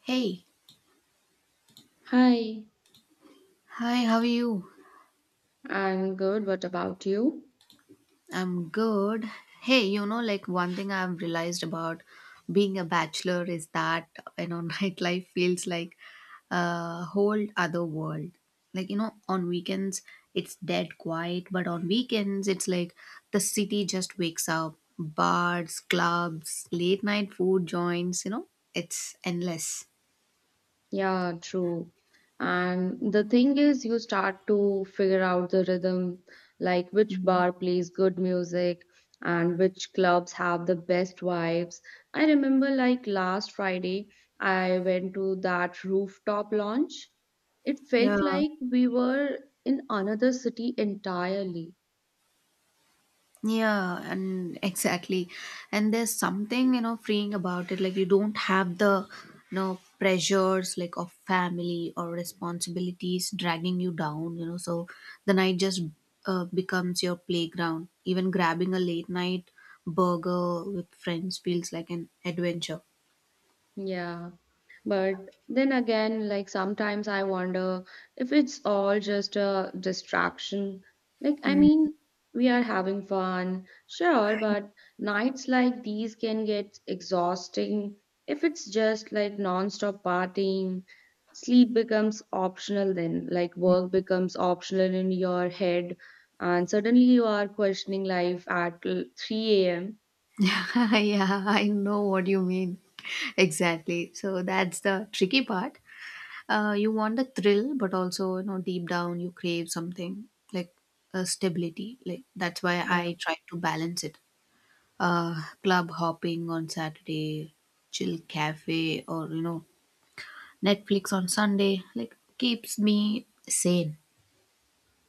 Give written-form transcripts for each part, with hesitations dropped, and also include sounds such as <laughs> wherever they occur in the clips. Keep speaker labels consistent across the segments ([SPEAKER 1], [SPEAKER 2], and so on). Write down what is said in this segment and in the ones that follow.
[SPEAKER 1] Hey,
[SPEAKER 2] Hi,
[SPEAKER 1] hi, how are you?
[SPEAKER 2] I'm good. What about you?
[SPEAKER 1] I'm good. Hey, you know, like one thing I've realized about being a bachelor is that, you know, <laughs> nightlife feels like a whole other world. Like, you know, on weekends, it's dead quiet, but on weekends, it's like the city just wakes up. Bars, clubs, late night food joints, you know, it's endless.
[SPEAKER 2] Yeah, true. And the thing is, you start to figure out the rhythm, like which bar plays good music and which clubs have the best vibes. I remember, like last Friday, I went to that rooftop lounge. It felt
[SPEAKER 1] Yeah.
[SPEAKER 2] like we were in another city entirely.
[SPEAKER 1] Yeah, and exactly. And there's something, you know, freeing about it. Like you don't have the, you know, pressures like of family or responsibilities dragging you down, you know. So the night just becomes your playground. Even grabbing a late night burger with friends feels like an adventure.
[SPEAKER 2] Yeah. But then again, like sometimes I wonder if it's all just a distraction. Like, I
[SPEAKER 1] Mm.
[SPEAKER 2] mean, we are having fun, sure, but nights like these can get exhausting if it's just like non-stop partying. Sleep becomes optional then, like work becomes optional in your head, and suddenly you are questioning life at 3 a.m.
[SPEAKER 1] <laughs> Yeah, I know what you mean. Exactly. So that's the tricky part. You want the thrill, but also, you know, deep down you crave something like stability. Like that's why
[SPEAKER 2] Yeah.
[SPEAKER 1] I try to balance it. Club hopping on Saturday, chill cafe, or you know, Netflix on Sunday. Like keeps me sane.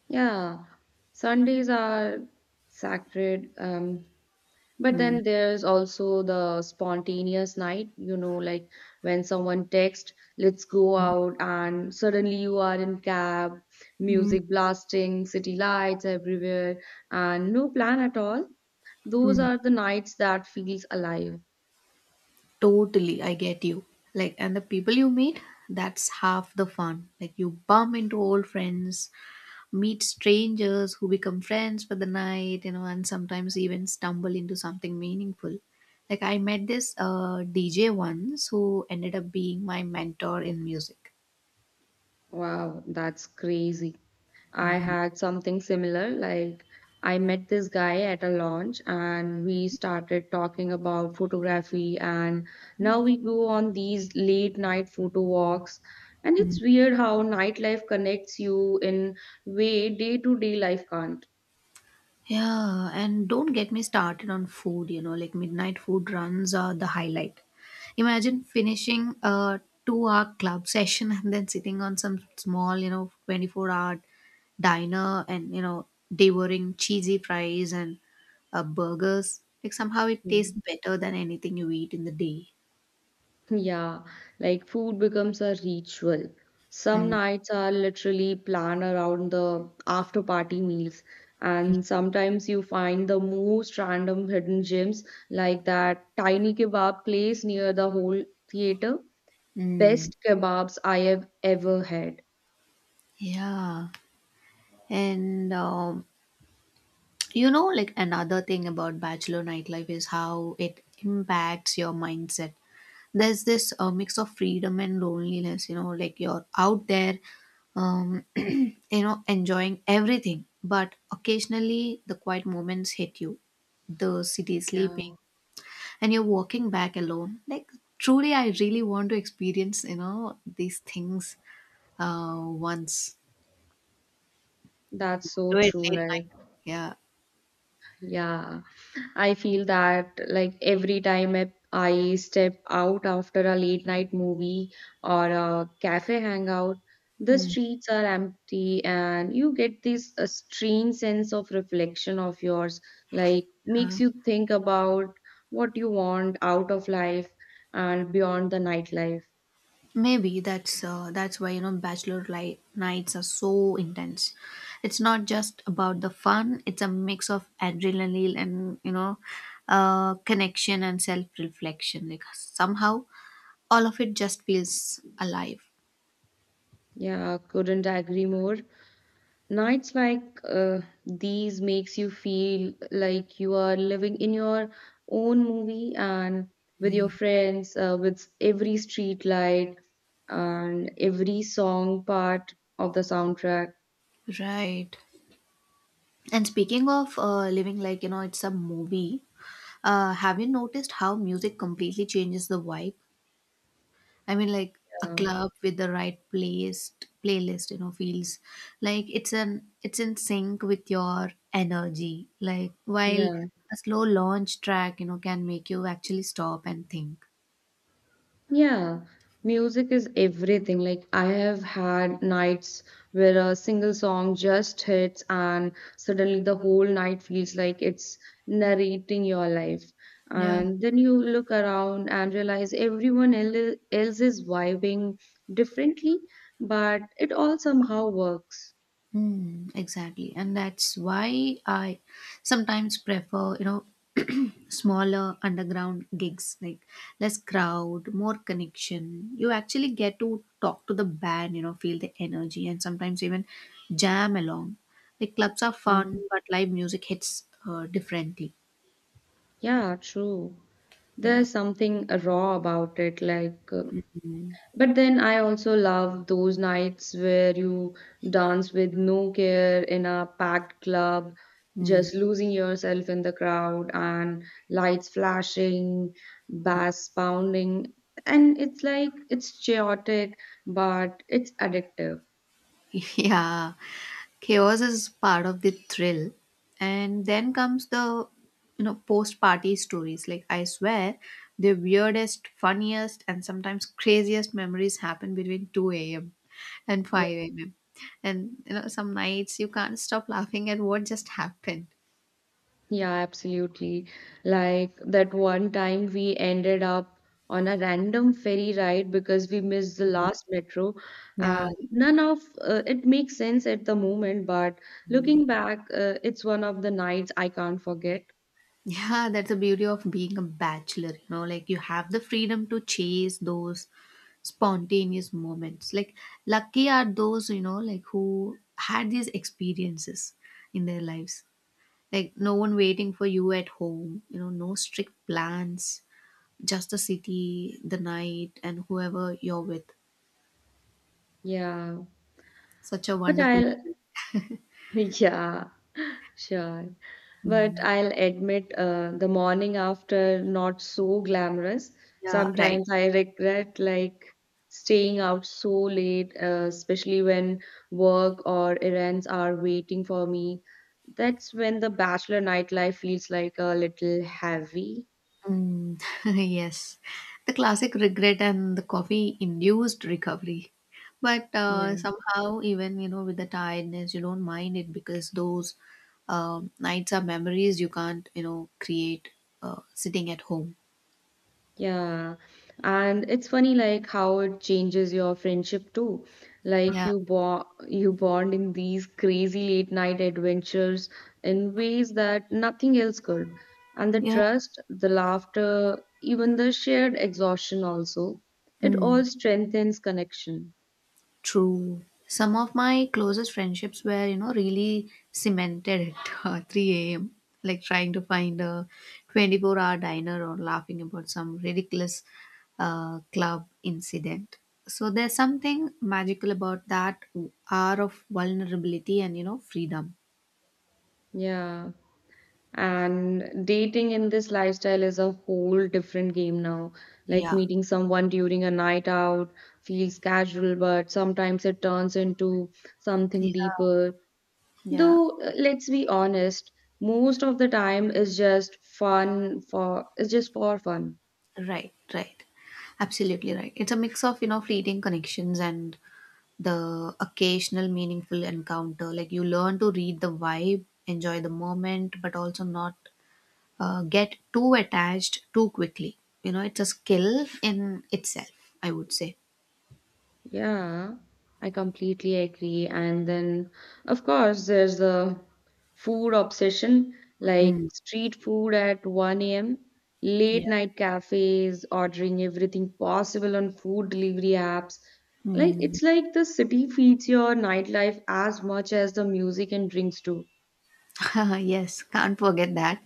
[SPEAKER 2] Yeah, Sundays are sacred. But
[SPEAKER 1] Mm.
[SPEAKER 2] then there's also the spontaneous night, you know, like when someone texts, let's go out, and suddenly you are in cab,
[SPEAKER 1] Mm,
[SPEAKER 2] music blasting, city lights everywhere, and no plan at all. Those
[SPEAKER 1] mm.
[SPEAKER 2] are the nights that feels alive.
[SPEAKER 1] Totally, I get you. Like, and the people you meet, that's half the fun. Like, you bump into old friends, meet strangers who become friends for the night, you know, and sometimes even stumble into something meaningful. Like I met this DJ once who ended up being my mentor in music.
[SPEAKER 2] Wow, that's crazy. I
[SPEAKER 1] Mhm.
[SPEAKER 2] had something similar. Like, I met this guy at a launch and we started talking about photography, and now we go on these late night photo walks. And it's weird how nightlife connects you in way day to day life can't.
[SPEAKER 1] Yeah, and don't get me started on food, you know, like midnight food runs are the highlight. Imagine finishing a 2 hour club session and then sitting on some small, you know, 24-hour diner and, you know, devouring cheesy fries and burgers. Like somehow it tastes better than anything you eat in the day.
[SPEAKER 2] Yeah, like food becomes a ritual. Some
[SPEAKER 1] Mm.
[SPEAKER 2] nights are literally planned around the after party meals, and sometimes you find the most random hidden gems, like that tiny kebab place near the whole theater.
[SPEAKER 1] Mm.
[SPEAKER 2] Best kebabs I have ever had.
[SPEAKER 1] Yeah. And you know, like another thing about bachelor nightlife is how it impacts your mindset. There's this mix of freedom and loneliness, you know, like you're out there, <clears throat> you know, enjoying everything, but occasionally the quiet moments hit you. The city is sleeping
[SPEAKER 2] Yeah.
[SPEAKER 1] and you're walking back alone. Like truly I really want to experience, you know, these things once,
[SPEAKER 2] That's so
[SPEAKER 1] do it
[SPEAKER 2] true,
[SPEAKER 1] late night.
[SPEAKER 2] like,
[SPEAKER 1] Yeah.
[SPEAKER 2] yeah. I feel that like every time I step out after a late night movie or a cafe hangout, the
[SPEAKER 1] Mm.
[SPEAKER 2] streets are empty and you get this a strange sense of reflection of yours, like makes you think about what you want out of life and beyond the nightlife.
[SPEAKER 1] Maybe that's that's why, you know, nights are so intense. It's not just about the fun; it's a mix of adrenaline and, you know, connection and self-reflection. Like somehow, all of it just feels alive.
[SPEAKER 2] Yeah, couldn't agree more. Nights like these makes you feel like you are living in your own movie and with your friends with every street light and every song part of the soundtrack
[SPEAKER 1] Right. And speaking of living like, you know, it's a movie. Have you noticed how music completely changes the vibe? I mean, like a
[SPEAKER 2] uh,
[SPEAKER 1] club with the right playlist, you know, feels like it's in sync with your energy. Like while
[SPEAKER 2] yeah.
[SPEAKER 1] a slow launch track, you know, can make you actually stop and think.
[SPEAKER 2] Yeah, music is everything. Like, I have had nights where a single song just hits, and suddenly the whole night feels like it's narrating your life.
[SPEAKER 1] Yeah.
[SPEAKER 2] And then you look around and realize else is vibing differently, but it all somehow works.
[SPEAKER 1] Hmm, exactly. And that's why I sometimes prefer, you know, <clears throat> smaller underground gigs, like less crowd, more connection. You actually get to talk to the band, you know, feel the energy and sometimes even jam along. Like clubs are fun,
[SPEAKER 2] Mhm.
[SPEAKER 1] but live music hits differently.
[SPEAKER 2] Yeah, true.
[SPEAKER 1] Yeah.
[SPEAKER 2] There's something raw about it, But then I also love those nights where you dance with no care in a packed club,
[SPEAKER 1] Hmm.
[SPEAKER 2] just losing yourself in the crowd and lights flashing, bass pounding. And it's like it's chaotic, but it's addictive.
[SPEAKER 1] <laughs> Yeah. Chaos is part of the thrill, and then comes the, you know, post party stories. Like I swear, the weirdest, funniest, and sometimes craziest memories happen between 2 a.m and 5 a.m, and, you know, some nights you can't stop laughing at what just happened.
[SPEAKER 2] Yeah, absolutely. Like that one time we ended up on a random ferry ride because we missed the last metro. Uh,
[SPEAKER 1] Yeah.
[SPEAKER 2] None of it makes sense at the moment, but looking back, it's one of the nights I can't forget.
[SPEAKER 1] Yeah, that's the beauty of being a bachelor, you know. Like you have the freedom to chase those spontaneous moments. Like lucky are those, you know, like who had these experiences in their lives. Like no one waiting for you at home, you know, no strict plans, just the city, the night, and whoever you're with.
[SPEAKER 2] Yeah,
[SPEAKER 1] Such a
[SPEAKER 2] but
[SPEAKER 1] wonderful.
[SPEAKER 2] I'll, <laughs> yeah. Sure. But
[SPEAKER 1] Mm.
[SPEAKER 2] I'll admit, the morning after not so glamorous.
[SPEAKER 1] Yeah, right.
[SPEAKER 2] Sometimes I regret like staying out so late, especially when work or errands are waiting for me. That's when the bachelor nightlife feels like a little heavy.
[SPEAKER 1] Mm. <laughs> Yes, the classic regret and the coffee-induced recovery. But
[SPEAKER 2] Yeah.
[SPEAKER 1] somehow, even, you know, with the tiredness, you don't mind it, because those nights are memories you can't, you know, create sitting at home.
[SPEAKER 2] Yeah, and it's funny like how it changes your friendship too. Like
[SPEAKER 1] Yeah,
[SPEAKER 2] you bond in these crazy late night adventures in ways that nothing else could. And the
[SPEAKER 1] yeah.
[SPEAKER 2] trust, the laughter, even the shared exhaustion also, it
[SPEAKER 1] Mm.
[SPEAKER 2] all strengthens connection.
[SPEAKER 1] True. Some of my closest friendships were, you know, really cemented at <laughs> 3 a.m., like trying to find a 24-hour diner or laughing about some ridiculous club incident. So there's something magical about that hour of vulnerability and, you know, freedom.
[SPEAKER 2] Yeah. And dating in this lifestyle is a whole different game now. Like
[SPEAKER 1] Yeah.
[SPEAKER 2] meeting someone during a night out feels casual, but sometimes it turns into
[SPEAKER 1] Yeah.
[SPEAKER 2] something deeper.
[SPEAKER 1] Yeah.
[SPEAKER 2] Though, let's be honest, most of the time is just it's just for fun.
[SPEAKER 1] Right. Right. Absolutely right. It's a mix of, you know, fleeting connections and the occasional meaningful encounter. Like you learn to read the vibe, enjoy the moment, but also not get too attached too quickly. You know, it's a skill in itself, I would say.
[SPEAKER 2] Yeah, I completely agree. And then, of course, there's the food obsession, like
[SPEAKER 1] Mm.
[SPEAKER 2] street food at 1 a.m., late
[SPEAKER 1] Yeah.
[SPEAKER 2] night cafes, ordering everything possible on food delivery apps. Like, it's like the city feeds your nightlife as much as the music and drinks do.
[SPEAKER 1] <laughs> Yes, can't forget that.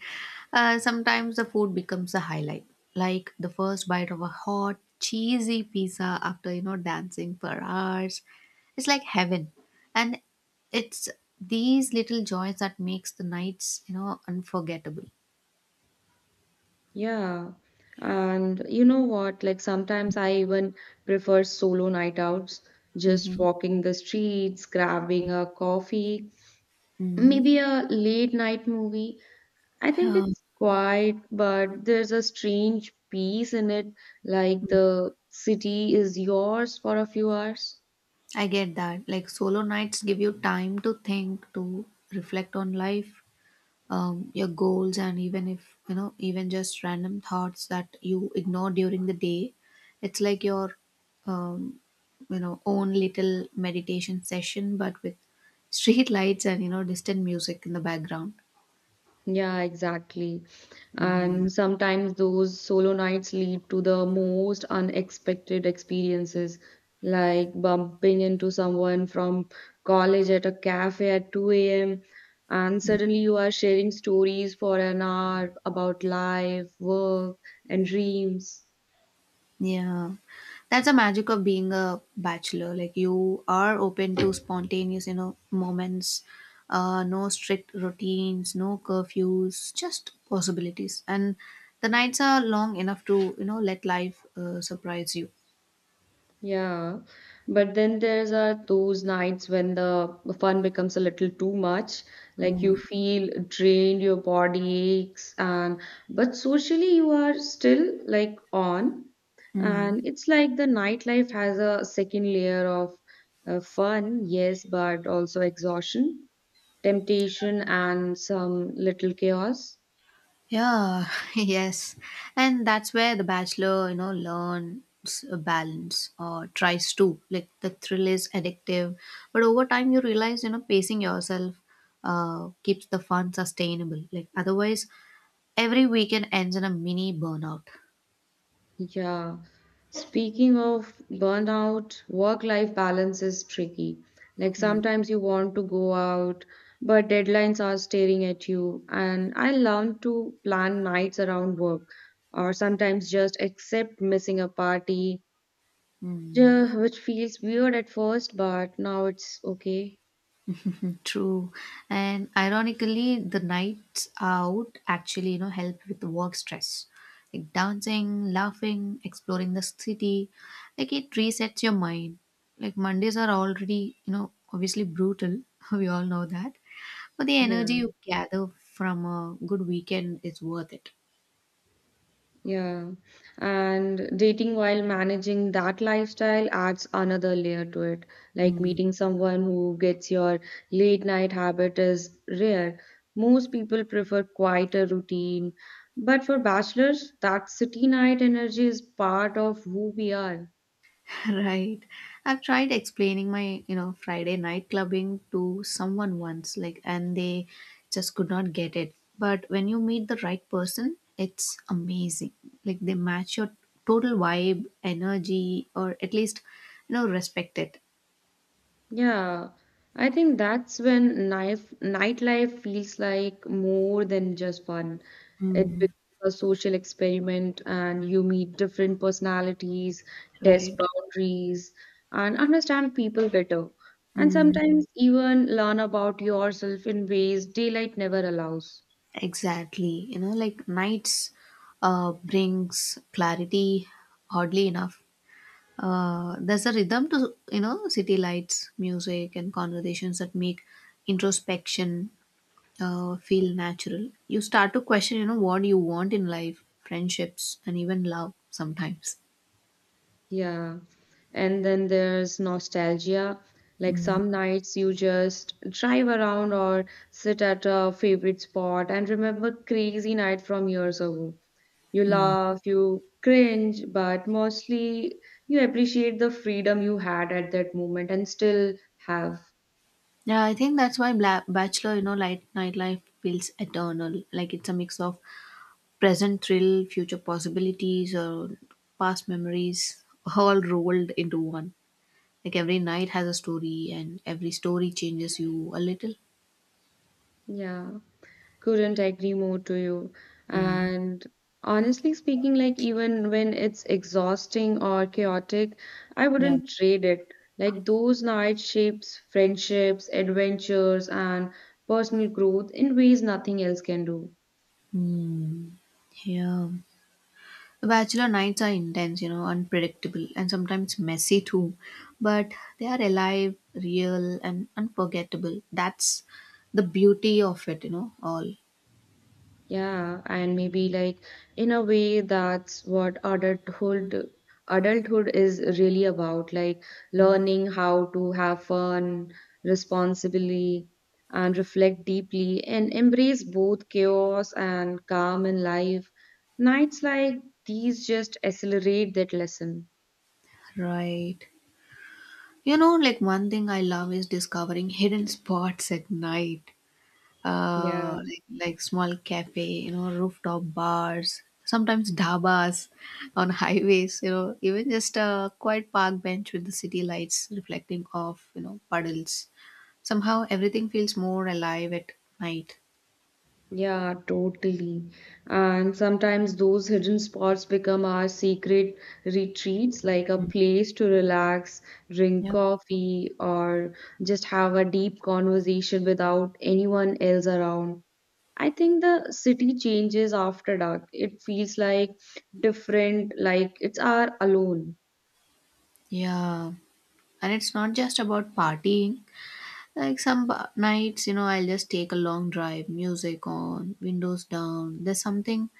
[SPEAKER 1] Sometimes the food becomes a highlight, like the first bite of a hot, cheesy pizza after, you know, dancing for hours. It's like heaven, and it's these little joys that makes the nights, you know, unforgettable.
[SPEAKER 2] Yeah. And you know what? Like sometimes I even prefer solo night outs, just
[SPEAKER 1] Mm-hmm.
[SPEAKER 2] walking the streets, grabbing a coffee,
[SPEAKER 1] Mm-hmm.
[SPEAKER 2] maybe a late night movie. I think
[SPEAKER 1] Yeah,
[SPEAKER 2] it's quiet, but there's a strange peace in it, like the city is yours for a few hours.
[SPEAKER 1] I get that. Like solo nights give you time to think, to reflect on life, your goals, and even if, you know, even just random thoughts that you ignore during the day. It's like your um, you know own little meditation session, but with <laughs> street lights and, you know, distant music in the background.
[SPEAKER 2] Yeah, exactly.
[SPEAKER 1] Hmm.
[SPEAKER 2] And sometimes those solo nights lead to the most unexpected experiences, like bumping into someone from college at a cafe at 2 a.m. and suddenly you are sharing stories for an hour about life, work, and dreams.
[SPEAKER 1] Yeah. That's the magic of being a bachelor. Like you are open to spontaneous, you know, moments, no strict routines, no curfews, just possibilities. And the nights are long enough to, you know, let life surprise you.
[SPEAKER 2] Yeah, but then there's are those nights when the fun becomes a little too much. Like you
[SPEAKER 1] Mm.
[SPEAKER 2] feel drained, your body aches, and but socially you are still like on,
[SPEAKER 1] Mm.
[SPEAKER 2] and it's like the nightlife has a second layer of fun, yes, but also exhaustion, temptation, and some little chaos.
[SPEAKER 1] Yeah. <laughs> Yes. And that's where the bachelor, you know, learns a balance, or tries to. Like the thrill is addictive, but over time you realize, you know, pacing yourself keeps the fun sustainable. Like otherwise every weekend ends in a mini burnout.
[SPEAKER 2] Yeah. Speaking of burnout, work-life balance is tricky. Like
[SPEAKER 1] Mm.
[SPEAKER 2] sometimes you want to go out, but deadlines are staring at you. And I learned to plan nights around work, or sometimes just accept missing a party, <laughs>
[SPEAKER 1] Mm.
[SPEAKER 2] yeah, which feels weird at first, but now it's okay.
[SPEAKER 1] True. And ironically, the nights out actually, you know, help with work stress. Like dancing, laughing, exploring the city. Like it resets your mind. Like Mondays are already, you know, obviously brutal. <laughs> We all know that. But the energy
[SPEAKER 2] Yeah.
[SPEAKER 1] you gather from a good weekend is worth it.
[SPEAKER 2] Yeah. And dating while managing that lifestyle adds another layer to it. Like
[SPEAKER 1] Mm.
[SPEAKER 2] meeting someone who gets your late night habit is rare. Most people prefer quieter routine. But for bachelors, that city night energy is part of who we are.
[SPEAKER 1] <laughs> Right. I've tried explaining my, you know, Friday night clubbing to someone once, like, and they just could not get it. But when you meet the right person, it's amazing. Like, they match your total vibe, energy, or at least, you know, respect it.
[SPEAKER 2] Yeah, I think that's when nightlife feels like more than just fun. It
[SPEAKER 1] Mm,
[SPEAKER 2] becomes a social experiment, and you meet different personalities, test
[SPEAKER 1] right.
[SPEAKER 2] boundaries, and understand people better. And
[SPEAKER 1] Mm,
[SPEAKER 2] sometimes even learn about yourself in ways daylight never allows.
[SPEAKER 1] exactly. You know, like, nights brings clarity, oddly enough. There's a rhythm to, you know, city lights, music, and conversations that make introspection feel natural. You start to question, you know, what you want in life, friendships, and even love sometimes.
[SPEAKER 2] Yeah. And then there's nostalgia. Like
[SPEAKER 1] Mm.
[SPEAKER 2] some nights you just drive around or sit at a favorite spot and remember crazy night from years ago. You
[SPEAKER 1] Mm.
[SPEAKER 2] laugh, you cringe, but mostly you appreciate the freedom you had at that moment and still have.
[SPEAKER 1] Yeah, I think that's why Bachelor, you know, light nightlife feels eternal. Like it's a mix of present thrill, future possibilities, or past memories, all rolled into one. Like every night has a story, and every story changes you a little.
[SPEAKER 2] Yeah. Couldn't agree more to you.
[SPEAKER 1] Mm,
[SPEAKER 2] And honestly speaking, like even when it's exhausting or chaotic, I
[SPEAKER 1] yeah.
[SPEAKER 2] wouldn't trade it. Like those nights shapes friendships, adventures, and personal growth in ways nothing else can do.
[SPEAKER 1] Mm, yeah. Bachelor nights are intense, you know, unpredictable, and sometimes messy too. But they are alive, real, and unforgettable. That's the beauty of it, you know, all.
[SPEAKER 2] Yeah, and maybe like in a way that's what adulthood is really about, like learning how to have fun responsibly and reflect deeply and embrace both chaos and calm in life. Nights like these just accelerate that lesson.
[SPEAKER 1] Right. You know, like one thing I love is discovering hidden <laughs> spots at night.
[SPEAKER 2] Yeah.
[SPEAKER 1] Like small cafe, you know, rooftop bars, sometimes dhabas on <laughs> highways, you know, even just a quiet park bench with the city lights reflecting off, you know, puddles. Somehow everything feels more alive at night.
[SPEAKER 2] Yeah, totally. And sometimes those hidden spots become our secret retreats, like a place to relax, drink
[SPEAKER 1] Yeah.
[SPEAKER 2] coffee, or just have a deep conversation without anyone else around. I think the city changes after dark. It feels like different, like it's our alone.
[SPEAKER 1] Yeah. And it's not just about partying. Like some nights, you know, I'll just take a long drive, music on, windows down. There's something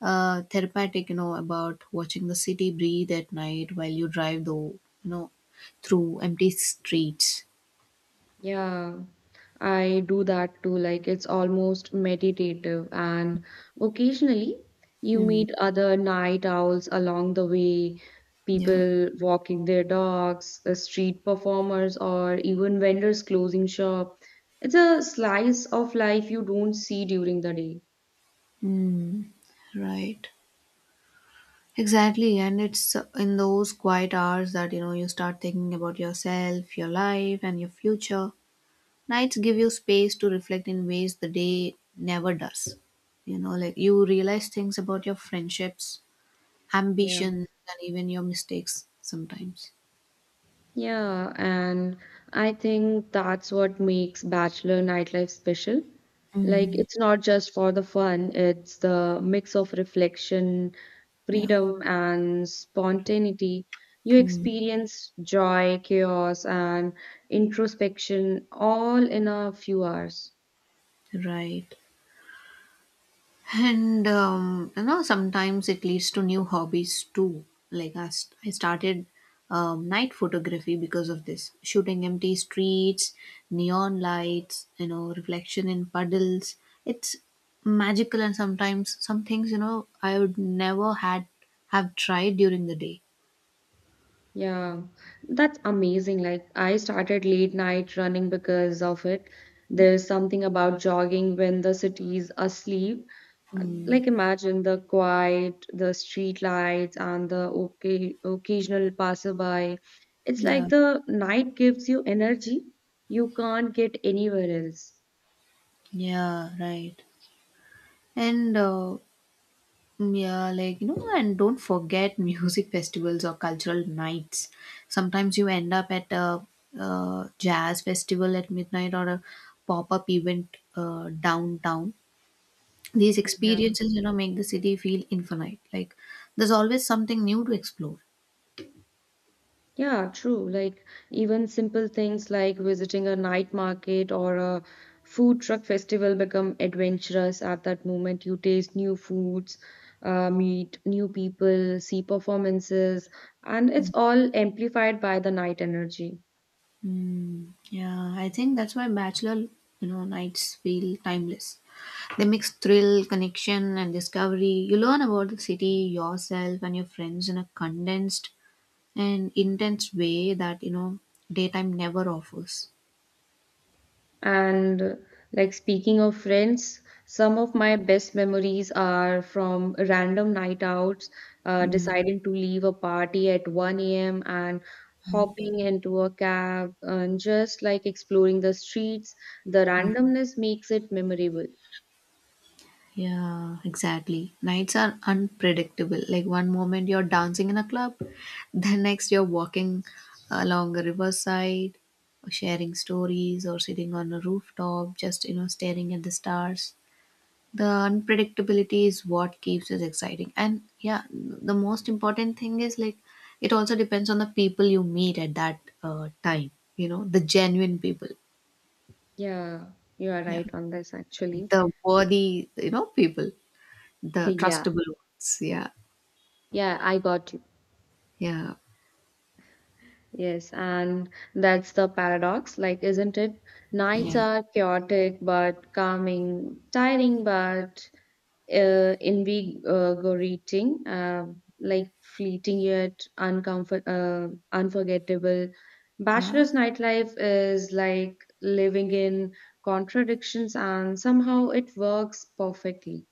[SPEAKER 1] therapeutic, you know, about watching the city breathe at night while you drive, though, you know, through empty streets.
[SPEAKER 2] Yeah, I do that too. Like it's almost meditative, and occasionally you
[SPEAKER 1] Mm,
[SPEAKER 2] meet other night owls along the way,
[SPEAKER 1] yeah.
[SPEAKER 2] people walking their dogs, street performers, or even vendors closing shop. It's a slice of life you don't see during the day.
[SPEAKER 1] Mm, right. Exactly. And it's in those quiet hours that, you know, you start thinking about yourself, your life, and your future. Nights give you space to reflect in ways the day never does. You know, like you realize things about your friendships,
[SPEAKER 2] Yeah.
[SPEAKER 1] ambitions, and even your mistakes sometimes.
[SPEAKER 2] Yeah, and I think that's what makes bachelor nightlife special. Like,
[SPEAKER 1] Mm,
[SPEAKER 2] it's not just for the fun, it's the mix of reflection,
[SPEAKER 1] yeah.
[SPEAKER 2] freedom, and spontaneity. You
[SPEAKER 1] Mm.
[SPEAKER 2] experience joy, chaos, and introspection all in a few hours.
[SPEAKER 1] Right. And you know, sometimes it leads to new hobbies too. Like I started night photography because of this, shooting empty streets, neon lights, you know, reflection in puddles. It's magical, and sometimes some things, you know, I would never had have tried during the day.
[SPEAKER 2] Yeah, that's amazing. Like, I started late night running because of it. There's something about jogging when the city is asleep. Like imagine the quiet, the street lights, and the okay, occasional passerby. It's
[SPEAKER 1] Yeah.
[SPEAKER 2] like the night gives you energy you can't get anywhere else.
[SPEAKER 1] Yeah. Right. And Mm, yeah, like, you know, and don't forget music festivals or cultural nights. Sometimes you end up at a, jazz festival at midnight or a pop up event downtown. These
[SPEAKER 2] Yeah.
[SPEAKER 1] experiences, you know, make the city feel infinite. Like there's always something new to explore.
[SPEAKER 2] Yeah, true. Like even simple things like visiting a night market or a food truck festival become adventurous at that moment. You taste new foods, meet new people, see performances, and it's all amplified by the night energy.
[SPEAKER 1] Mm, yeah, I think that's why bachelor, you know, nights feel timeless. They mix thrill, connection, and discovery. You learn about the city, yourself, and your friends in a condensed an intense way that daytime never offers.
[SPEAKER 2] And like speaking of friends, some of my best memories are from random night outs,
[SPEAKER 1] Mm,
[SPEAKER 2] deciding to leave a party at 1 a.m. and hopping into a cab and just like exploring the streets. The randomness makes it memorable.
[SPEAKER 1] yeah, exactly. Nights are unpredictable. Like one moment you're dancing in a club, <laughs> the next you're walking along a riverside, or sharing stories, or sitting on a rooftop just, staring at the stars. The unpredictability is what keeps it exciting. And yeah, the most important thing is, like, it also depends on the people you meet at that time, the genuine people.
[SPEAKER 2] Yeah, you are
[SPEAKER 1] Yeah.
[SPEAKER 2] right on this actually.
[SPEAKER 1] The
[SPEAKER 2] <laughs>
[SPEAKER 1] worthy, you know, people, the
[SPEAKER 2] Yeah,
[SPEAKER 1] trustable ones. Yeah.
[SPEAKER 2] yeah, I got you.
[SPEAKER 1] Yeah.
[SPEAKER 2] Yes, and that's the paradox, like, isn't it? Nights
[SPEAKER 1] Yeah.
[SPEAKER 2] are chaotic but calming, tiring but invigorating, like fleeting yet uncomfort unforgettable.
[SPEAKER 1] Yeah.
[SPEAKER 2] Bachelor's nightlife is like living in contradictions, and somehow it works perfectly.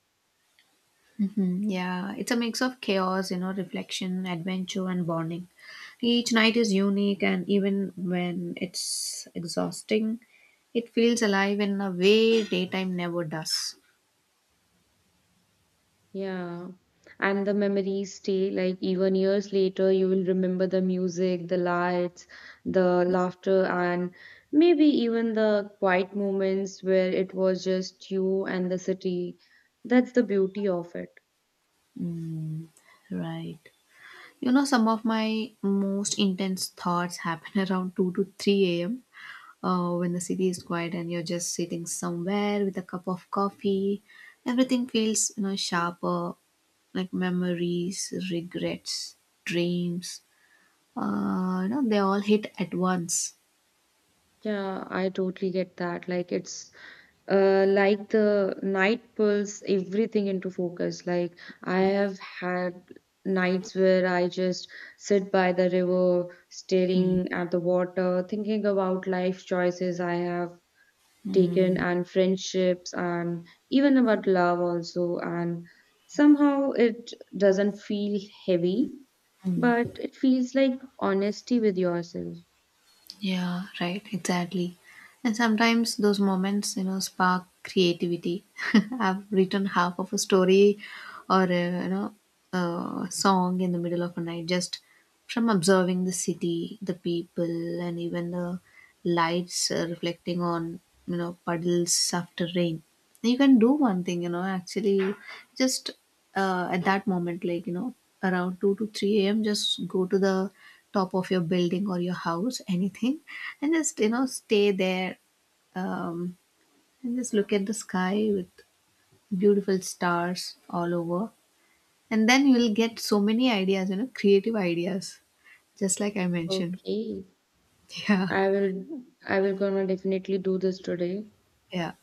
[SPEAKER 1] Hmm, yeah. It's a mix of chaos, you know, reflection, adventure, and bonding. Each night is unique, and even when it's exhausting, it feels alive in a way daytime never does.
[SPEAKER 2] Yeah. And the memories stay like even years later, you will remember the music, the lights, the laughter, and maybe even the quiet moments where it was just you and the city. That's the beauty of it.
[SPEAKER 1] Mm, right. You know, some of my most intense thoughts happen <laughs> around 2 to 3 a.m., when the city is quiet and you're just sitting somewhere with a cup of coffee. Everything feels, sharper, like memories, regrets, dreams, you know, they all hit at once.
[SPEAKER 2] Yeah, I totally get that. Like it's like the night pulls everything into focus. Like I have had nights where I just sit by the river,
[SPEAKER 1] Mm.
[SPEAKER 2] staring at the water, thinking about life choices I have taken
[SPEAKER 1] Mm.
[SPEAKER 2] and friendships and even about love also. And somehow it doesn't feel heavy,
[SPEAKER 1] Mm.
[SPEAKER 2] but it feels like honesty with yourself.
[SPEAKER 1] Yeah, right, exactly. And sometimes those moments, you know, spark creativity. <laughs> I've written half of a story or, a, you know, a song in the middle of a night, just from observing the city, the people, and even the lights reflecting on, you know, puddles after rain. You can do one thing, you know, actually, just at that moment, like, you know, around 2 to 3 a.m., just go to the top of your building or your house, anything, and just, you know, stay there, um, and just look at the sky with beautiful stars all over. And then you will get so many ideas, you know, creative ideas, just like I mentioned.
[SPEAKER 2] Okay.
[SPEAKER 1] <laughs> Yeah,
[SPEAKER 2] I will gonna definitely do this today,
[SPEAKER 1] yeah.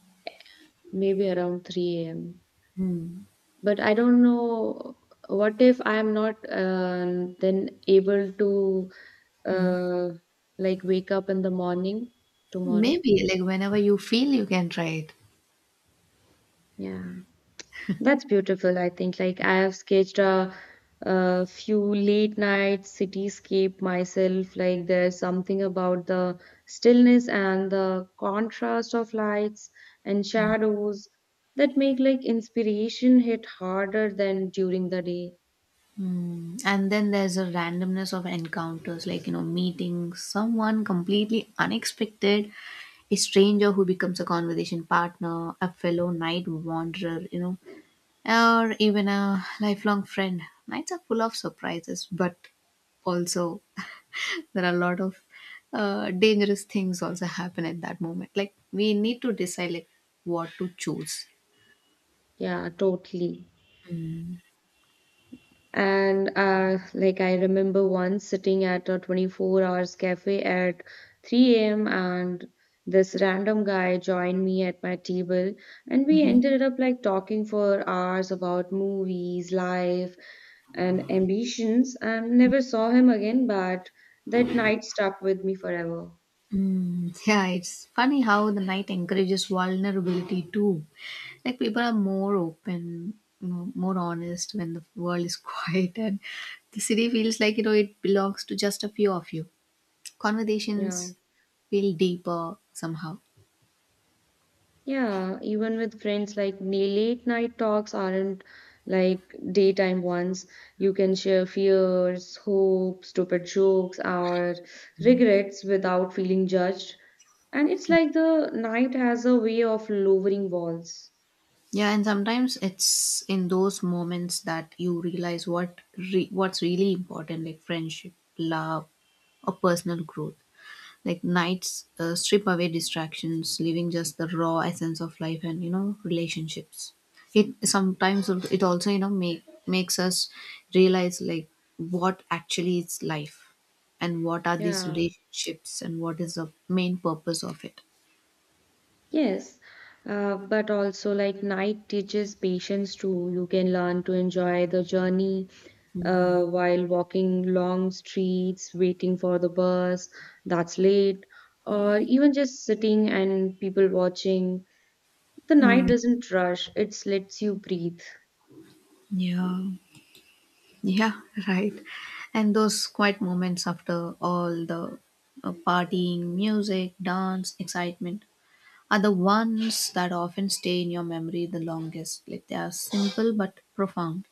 [SPEAKER 2] maybe around 3 a.m.
[SPEAKER 1] Hmm.
[SPEAKER 2] But I don't know what if I am not then able to
[SPEAKER 1] Hmm.
[SPEAKER 2] uh, like wake up in the morning tomorrow.
[SPEAKER 1] Maybe, like, whenever you feel, you can try it.
[SPEAKER 2] Yeah. That's beautiful, I think. Like I have sketched a few late night cityscape myself. Like there's something about the stillness and the contrast of lights and shadows that make like inspiration hit harder than during the day.
[SPEAKER 1] Mm. And then there's a randomness of encounters, like, you know, meeting someone completely unexpected, a stranger who becomes a conversation partner, a fellow night wanderer, you know, or even a lifelong friend. Nights are full of surprises, but also, <laughs> there are a lot of dangerous things also happen at that moment. Like, we need to decide, like, what to choose.
[SPEAKER 2] Yeah, totally. And like I remember once sitting at a 24 hours cafe at 3 a.m. and this random guy joined me at my table and we ended up like talking for hours about movies, life, and ambitions. And never saw him again, but that night stuck with me forever.
[SPEAKER 1] Mm, yeah, it's funny how the night encourages vulnerability too. Like people are more open, you know, more honest when the world is <laughs> quiet, and the city feels like, it belongs to just a few of you.
[SPEAKER 2] Yeah.
[SPEAKER 1] Conversations feel deeper somehow.
[SPEAKER 2] Yeah, even with friends, like late night talks aren't like daytime ones. You can share fears, hopes, stupid jokes, or regrets without feeling judged. And it's like the night has a way of lowering walls.
[SPEAKER 1] Yeah, and sometimes it's in those moments that you realize what's really important, like friendship, love, or personal growth. Like nights strip away distractions, leaving just the raw essence of life and, you know, relationships. It sometimes it also, you know, makes us realize, like, what actually is life, and what are these
[SPEAKER 2] Yeah,
[SPEAKER 1] relationships, and what is the main purpose of it.
[SPEAKER 2] yes. But also, like, night teaches patience too. You can learn to enjoy the journey while walking long streets, waiting for the bus that's late, or even just sitting and people watching. The
[SPEAKER 1] Hmm.
[SPEAKER 2] night doesn't rush, it lets you breathe.
[SPEAKER 1] Yeah, yeah, <laughs> right. And those quiet moments after all the partying, music, dance, excitement, are the ones that often stay in your memory the longest. Like they are simple but profound.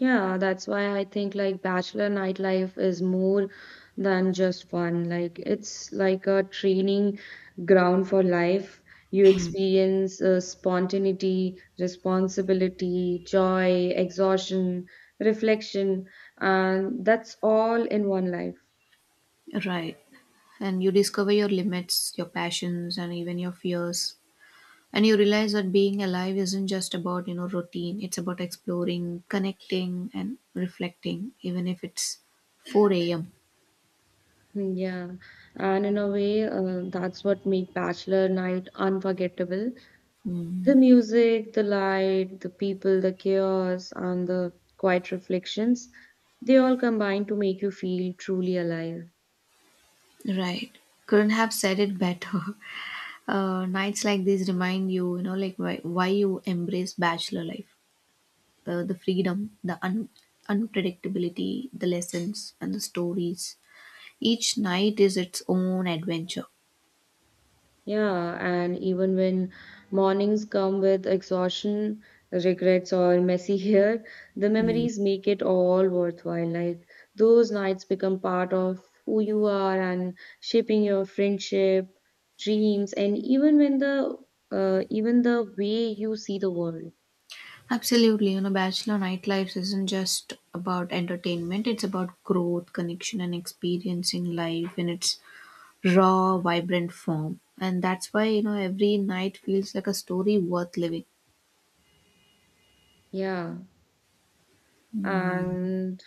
[SPEAKER 2] Yeah, that's why I think like bachelor nightlife is more than just fun. Like it's like a training ground for life. You experience spontaneity, responsibility, joy, exhaustion, reflection, and that's all in one life.
[SPEAKER 1] Right. And you discover your limits, your passions, and even your fears. And you realize that being alive isn't just about, you know, routine. It's about exploring, connecting, and reflecting, even if it's 4 a.m.
[SPEAKER 2] Hmm. Yeah, and in a way, that's what make bachelor night unforgettable. The
[SPEAKER 1] Mm,
[SPEAKER 2] music, the light, the people, the chaos, and the quiet reflections, they all combine to make you feel truly alive.
[SPEAKER 1] right. Couldn't have said it better. <laughs> Nights like these remind you, you know, like why you embrace bachelor life. The freedom, the unpredictability, the lessons, and the stories. Each night is its own adventure.
[SPEAKER 2] Yeah, and even when mornings come with exhaustion, regrets, or messy hair, the
[SPEAKER 1] Mm.
[SPEAKER 2] memories make it all worthwhile. Like those nights become part of who you are and shaping your friendship, dreams, and even when the even the way you see the world.
[SPEAKER 1] Absolutely, you know, bachelor nightlife isn't just about entertainment, it's about growth, connection, and experiencing life in its raw, vibrant form. And that's why, you know, every night feels like a story worth living.
[SPEAKER 2] Yeah. And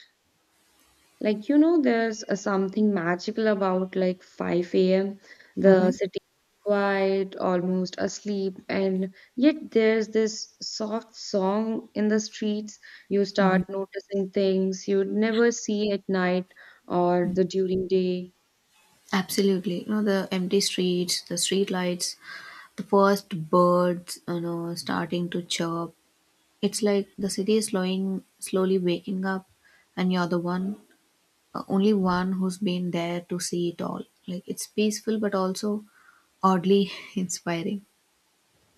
[SPEAKER 2] like, you know, there's a something magical about like 5 a.m.
[SPEAKER 1] Hmm.
[SPEAKER 2] The city is quiet, almost asleep, and yet there's this soft song in the streets. You start noticing things you'd never see at night or the during day.
[SPEAKER 1] Absolutely. You know, the empty streets, the street lights, the first birds, you know, starting to chirp. It's like the city is slowly waking up, and you're the one, only one who's been there to see it all. Like it's peaceful, but also oddly <laughs> inspiring.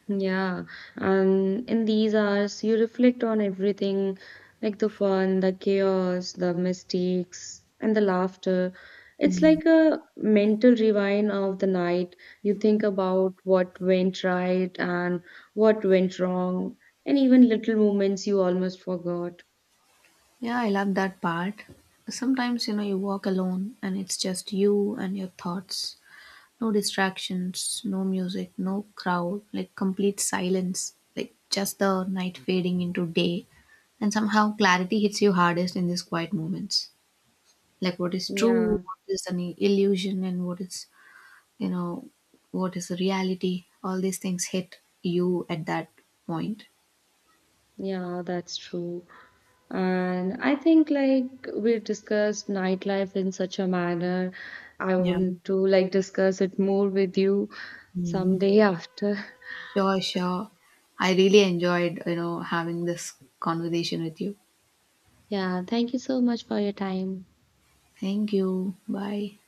[SPEAKER 2] Yeah, and in these hours, you reflect on everything like the fun, the chaos, the mistakes, and the laughter. It's
[SPEAKER 1] Mm.
[SPEAKER 2] like a mental rewind of the night. You think about what went right and what went wrong, and even little moments you almost forgot.
[SPEAKER 1] Yeah, I love that part. Sometimes, you know, you walk alone and it's just you and your thoughts. No distractions, no music, no crowd, like complete silence, like just the night fading into day. And somehow clarity hits you hardest in these quiet moments. Like what is true,
[SPEAKER 2] Yeah,
[SPEAKER 1] what is an illusion, and what is, you know, what is the reality. All these things hit you at that point.
[SPEAKER 2] yeah, that's true. And I think like we discussed nightlife in such a manner. I
[SPEAKER 1] Yeah.
[SPEAKER 2] want to like discuss it more with you
[SPEAKER 1] Mm.
[SPEAKER 2] someday after. <laughs>
[SPEAKER 1] Sure, sure. I really enjoyed, you know, having this conversation with you.
[SPEAKER 2] Yeah, thank you so much for your time.
[SPEAKER 1] Thank you. Bye.